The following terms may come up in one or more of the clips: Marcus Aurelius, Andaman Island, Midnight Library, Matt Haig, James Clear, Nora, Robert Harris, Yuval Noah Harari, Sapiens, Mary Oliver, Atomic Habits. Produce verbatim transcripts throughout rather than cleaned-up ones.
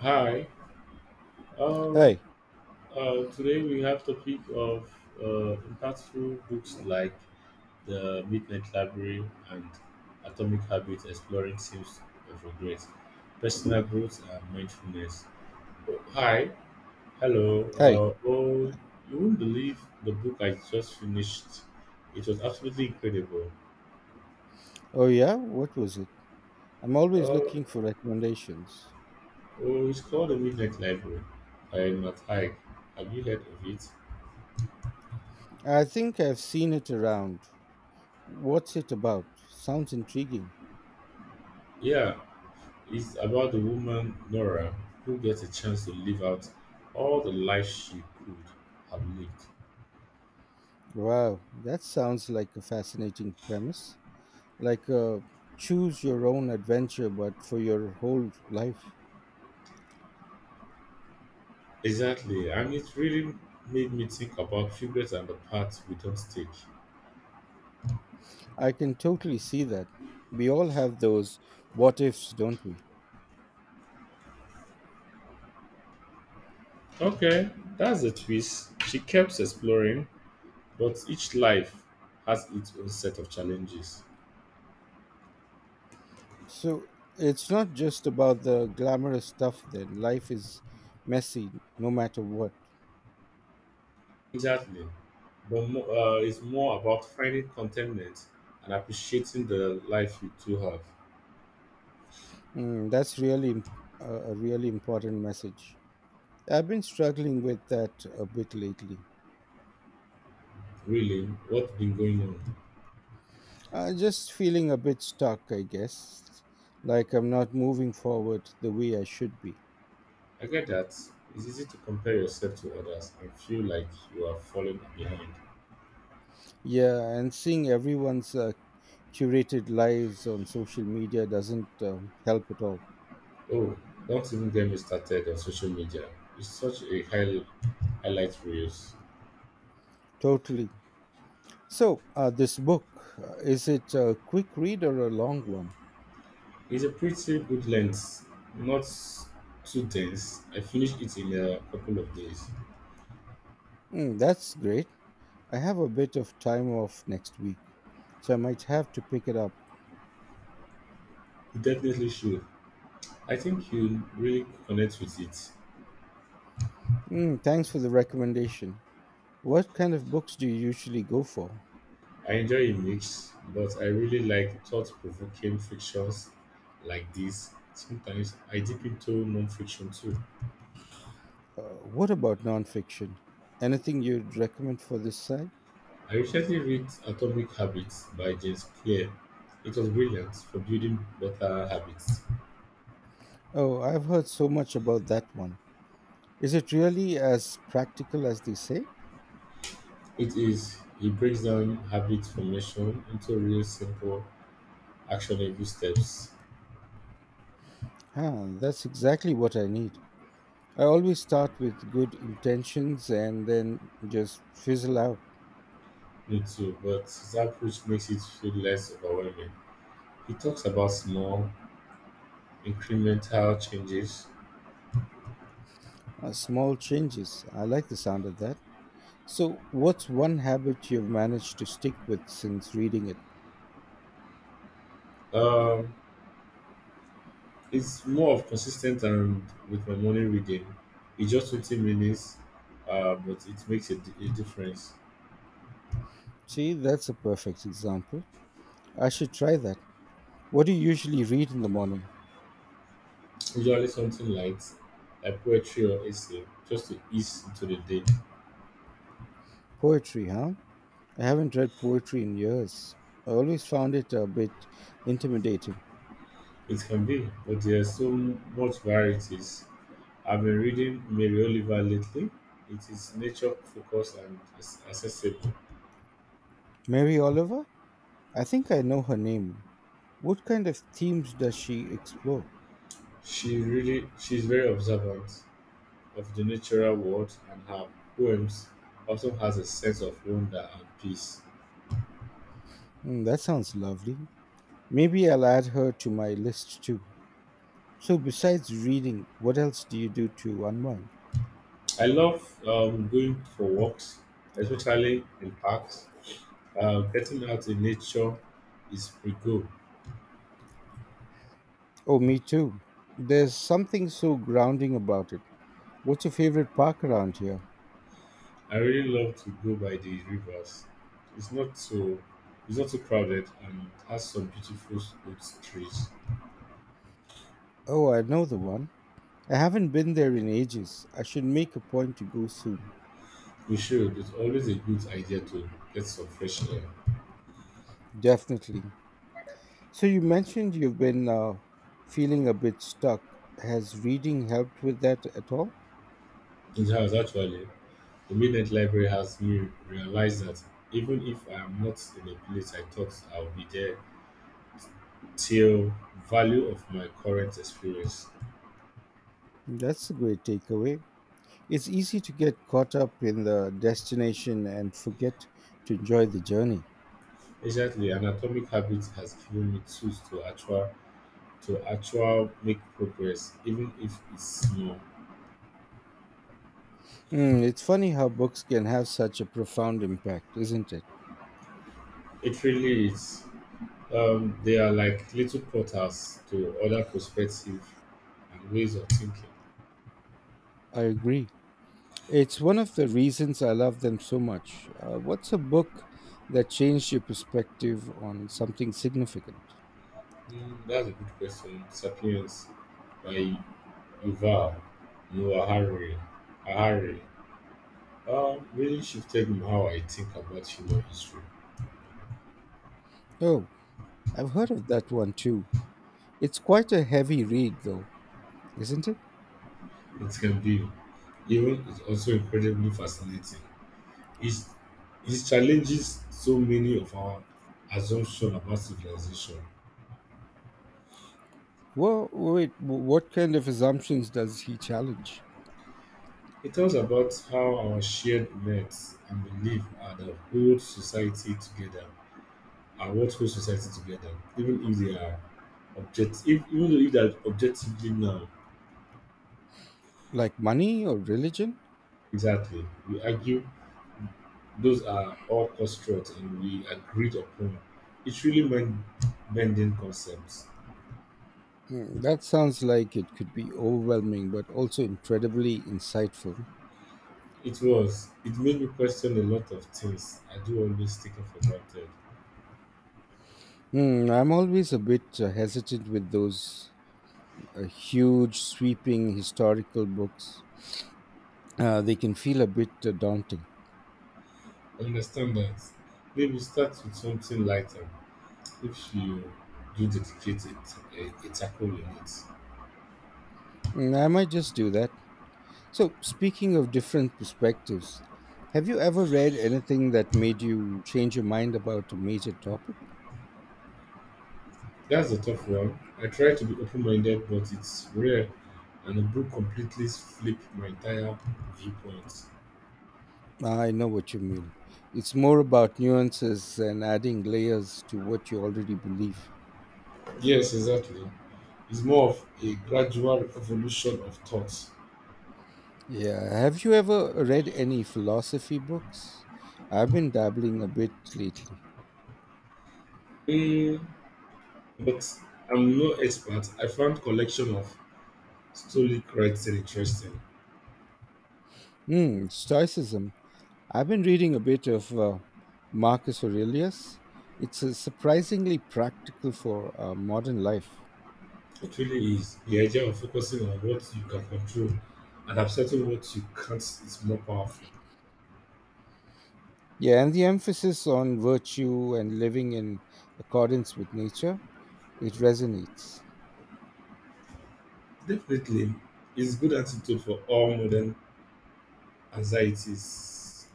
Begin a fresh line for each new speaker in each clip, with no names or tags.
Hi. Um,
Hi,
uh, today we have topic of uh, impactful books like The Midnight Library and Atomic Habits, exploring themes of regret, personal growth, and mindfulness. Oh, hi. Hello.
hi.
Uh, oh, you wouldn't believe the book I just finished. It was absolutely incredible.
Oh, yeah? What was it? I'm always
Uh,
looking for recommendations.
oh, it's called The Midnight Library by Matt Haig. Have you heard of it?
I think I've seen it around. What's it about? Sounds intriguing.
Yeah, it's about the woman Nora who gets a chance to live out all the life she could have lived.
Wow, that sounds like a fascinating premise. Like a choose your own adventure, but for your whole life.
Exactly, and it really made me think about regrets and the paths we don't take.
I can totally see that. We all have those what ifs, don't we?
Okay, that's the twist. She keeps exploring, but each life has its own set of challenges.
So it's not just about the glamorous stuff, then. Life is messy no matter what.
Exactly, but mo- uh, it's more about finding contentment and appreciating the life you do have.
Mm, that's really imp- a a really important message. I've been struggling with that a bit lately.
Really, what's been going on?
Uh, just feeling a bit stuck, I guess. Like I'm not moving forward the way I should be.
I get that. It's easy to compare yourself to others and feel like you are falling behind.
Yeah, and seeing everyone's uh, curated lives on social media doesn't um, help at all.
Oh, don't even get me started on social media. It's such a high highlight reels.
Totally. So, uh, this book, uh, is it a quick read or a long one?
It's a pretty good length, not too dense. I finished it in a couple of days.
Mm, that's great. I have a bit of time off next week, so I might have to pick it up.
You definitely should. I think you really connect with it.
Mm, thanks for the recommendation. What kind of books do you usually go for?
I enjoy a mix, but I really like thought-provoking fictions like this. Sometimes I dip into non-fiction too.
Uh, what about nonfiction? Anything you'd recommend for this site?
I recently read Atomic Habits by James Clear. It was brilliant for building better habits.
Oh, I've heard so much about that one. Is it really as practical as they say?
It is, he breaks down habit formation into real simple actionable steps.
Huh, that's exactly what I need. I always start with good intentions and then just fizzle out.
Me too, but his approach makes it feel less overwhelming. He talks about small incremental changes.
Uh, small changes. I like the sound of that. So, what's one habit you've managed to stick with since reading it?
Um it's more of consistent and with my morning reading. It's just twenty minutes, uh, but it makes a, di- a difference.
See, that's a perfect example. I should try that. What do you usually read in the morning?
Usually something light, like poetry or essay, just to ease into the day.
Poetry, huh? I haven't read poetry in years. I always found it a bit intimidating.
It can be, but there's so much varieties. I've been reading Mary Oliver lately. It is nature focused and is accessible.
Mary Oliver? I think I know her name. What kind of themes does she explore?
She really she's very observant of the natural world and her poems also has a sense of wonder and peace.
Hmm, that sounds lovely. Maybe I'll add her to my list too. So, besides reading, what else do you do to unwind?
I love um, going for walks, especially in parks. Uh, getting out in nature is pretty good.
Oh, me too. There's something so grounding about it. What's your favorite park around here?
I really love to go by the rivers. It's not so it's not too crowded and has some beautiful old trees.
Oh, I know the one. I haven't been there in ages. I should make a point to go soon.
We should. It's always a good idea to get some fresh air.
Definitely. So you mentioned you've been uh, feeling a bit stuck. Has reading helped with that at all?
In the house, actually, the Midnight Library has me realize that even if I am not in a place I thought I'll be there, till value of my current experience.
That's a great takeaway. It's easy to get caught up in the destination and forget to enjoy the journey.
Exactly, an atomic habit has given me tools to actual to actual make progress, even if it's small.
Mm, it's funny how books can have such a profound impact, isn't it?
It really is. Um, they are like little portals to other perspectives and ways of thinking.
I agree. It's one of the reasons I love them so much. Uh, what's a book that changed your perspective on something significant?
Hmm, that's a good question. Sapiens by Yuval Noah Harari. Harari um, really shifted how I think about human history.
Oh, I've heard of that one too. It's quite a heavy read, though, isn't it?
It can be, even it's also incredibly fascinating. It, it challenges so many of our assumptions about civilization.
Well, wait, w- what kind of assumptions does he challenge?
It talks about how our shared beliefs and belief are the whole society together are what hold society together, even if they are objective if, even though if they are objectively now
Like money or religion?
exactly. We argue those are all constructs and we agreed upon. It's really mind bending concepts.
Hmm, that sounds like it could be overwhelming, but also incredibly insightful.
It was. It made me question a lot of things I do always taken for granted.
Hmm, I'm always a bit uh, hesitant with those uh, huge, sweeping historical books. Uh, they can feel a bit uh, daunting.
I understand that. Maybe start with something lighter, if you do dedicate a, a, a tackle on it.
Mm, I might just do that. So, speaking of different perspectives, have you ever read anything that made you change your mind about a major topic?
That's a tough one. I try to be open minded, but it's rare, and a book completely flipped my entire viewpoint.
I know what you mean. It's more about nuances and adding layers to what you already believe.
Yes, exactly. It's more of a gradual evolution of thoughts.
Yeah. Have you ever read any philosophy books? I've been dabbling a bit lately.
Hmm, but I'm no expert. I found collection of Stoic writing interesting.
Hmm. Stoicism. I've been reading a bit of uh, Marcus Aurelius. It's uh, surprisingly practical for uh, modern life.
It really is. The idea of focusing on what you can control and accepting what you can't is more powerful.
Yeah, and the emphasis on virtue and living in accordance with nature, it resonates.
Definitely, it's good attitude for all modern anxieties.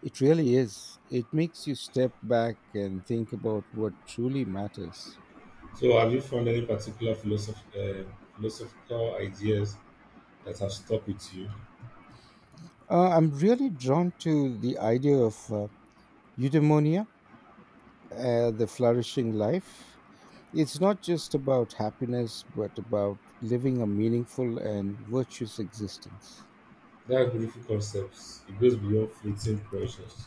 It really is. It makes you step back and think about what truly matters.
So, have you found any particular philosoph- uh, philosophical ideas that have stuck with you?
Uh, I'm really drawn to the idea of uh, eudaimonia, uh, the flourishing life. It's not just about happiness, but about living a meaningful and virtuous existence.
That beautiful concepts. It goes beyond fleeting pressures.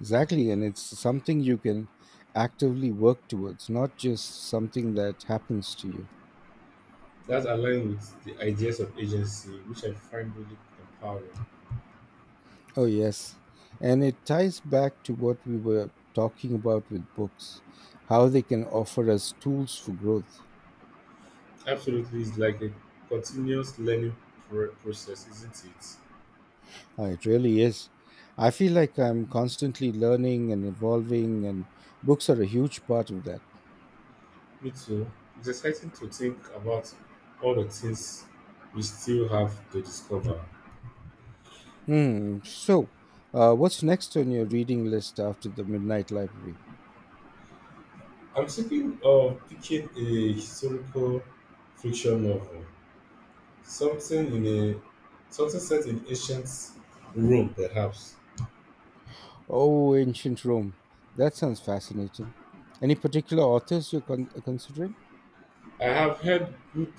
Exactly, and it's something you can actively work towards, not just something that happens to you.
That aligns with the ideas of agency, which I find really empowering.
Oh, yes. And it ties back to what we were talking about with books, how they can offer us tools for growth.
Absolutely, it's like a continuous learning pr- process, isn't it?
Ah, it really is. I feel like I'm constantly learning and evolving, and books are a huge part of that.
Me too. It's exciting to think about all the things we still have to discover.
Hmm. So, uh, what's next on your reading list after the Midnight Library?
I'm thinking of picking a historical fiction novel, something in a something set in ancient Rome, perhaps.
Oh, ancient Rome. That sounds fascinating. Any particular authors you're con- considering?
I have heard good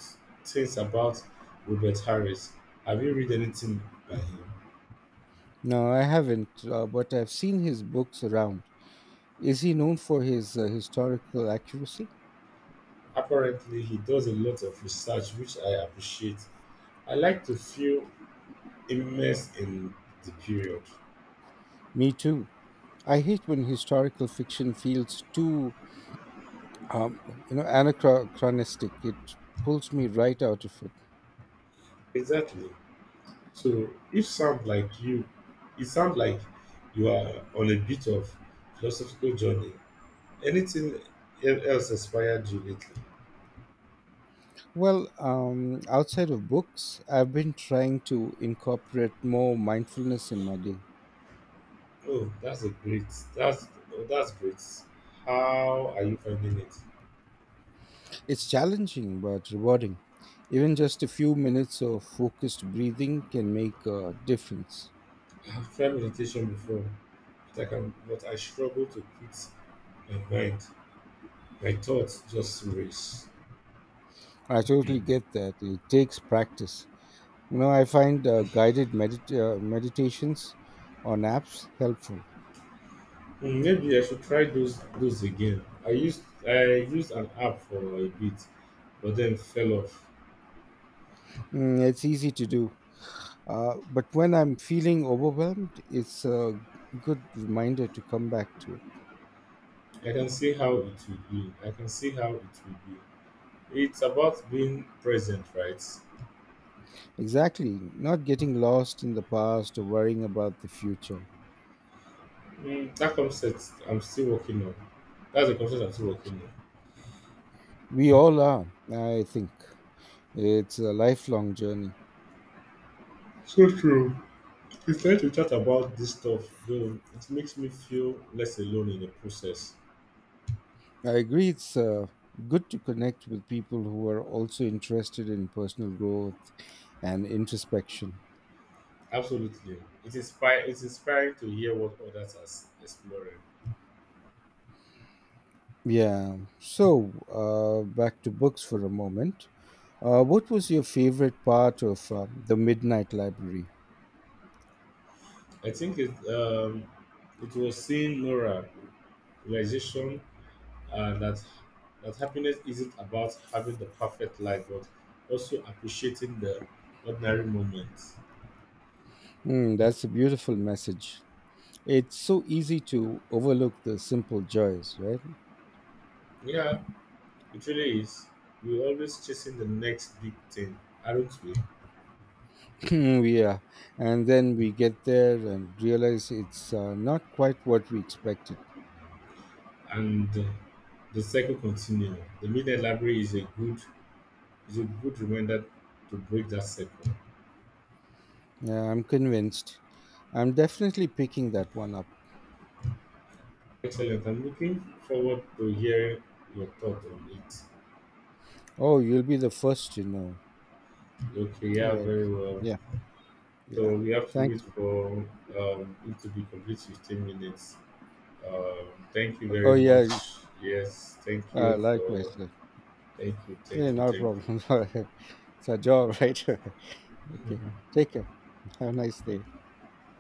things about Robert Harris. Have you read anything by him?
No, I haven't, uh, but I've seen his books around. Is he known for his uh, historical accuracy?
Apparently, he does a lot of research, which I appreciate. I like to feel immersed in the period.
Me too. I hate when historical fiction feels too, um, you know, anachronistic. It pulls me right out of it.
Exactly. So if sound like you, It sounds like you are on a bit of philosophical journey. Anything el- else inspired you lately?
Well, um, outside of books, I've been trying to incorporate more mindfulness in my day.
Oh, that's a great. That's Oh, that's great. How are you finding it?
It's challenging but rewarding. Even just a few minutes of focused breathing can make a difference.
I have tried meditation before, but I can, but I struggle to quit my mind. My thoughts just race.
I
Hmm,
totally get that. It takes practice. You know, I find uh, guided medit- uh, meditations on apps helpful.
maybe I should try those those again. I used I used an app for a bit, but then fell off.
Mm, it's easy to do. Uh, but when I'm feeling overwhelmed, it's a good reminder to come back to it.
I can see how it will be. I can see how it will be. It's about being present, right?
Exactly. Not getting lost in the past or worrying about the future.
Mm, that concept I'm still working on. That's a concept I'm still working on.
We all are, I think. It's a lifelong journey.
So true. It's nice to chat about this stuff, though. It makes me feel less alone in the process.
I agree, it's uh, good to connect with people who are also interested in personal growth and introspection.
Absolutely. It inspire. It's inspiring to hear what others are s- exploring.
Yeah. So, uh, back to books for a moment. Uh, what was your favorite part of uh, the Midnight Library?
I think it. Um, it was seeing Nora realization uh, that that happiness isn't about having the perfect life, but also appreciating the ordinary moments.
Hmm, that's a beautiful message. It's so easy to overlook the simple joys, right?
Yeah, it really is. We're always chasing the next big thing, aren't we?
yeah, and then we get there and realize it's uh, not quite what we expected.
And uh, the cycle continues. The media library is a good is a good reminder to break that cycle.
Yeah, I'm convinced. I'm definitely picking that one up.
Excellent. I'm looking forward to hearing your thoughts on it.
Oh, you'll be the first to know.
Okay,
All
yeah,
right.
very well.
Yeah. Yeah.
So we have to wait
Thanks.
for um, it to be complete fifteen minutes. Um, Thank you
Oh,
very
yeah.
much. Yes, thank
Uh,
you
likewise,
for
sir.
Thank you, thank
Hey,
you,
not a
thank
problem. It's our job, right? Okay.
you.
Take care. Have a nice day.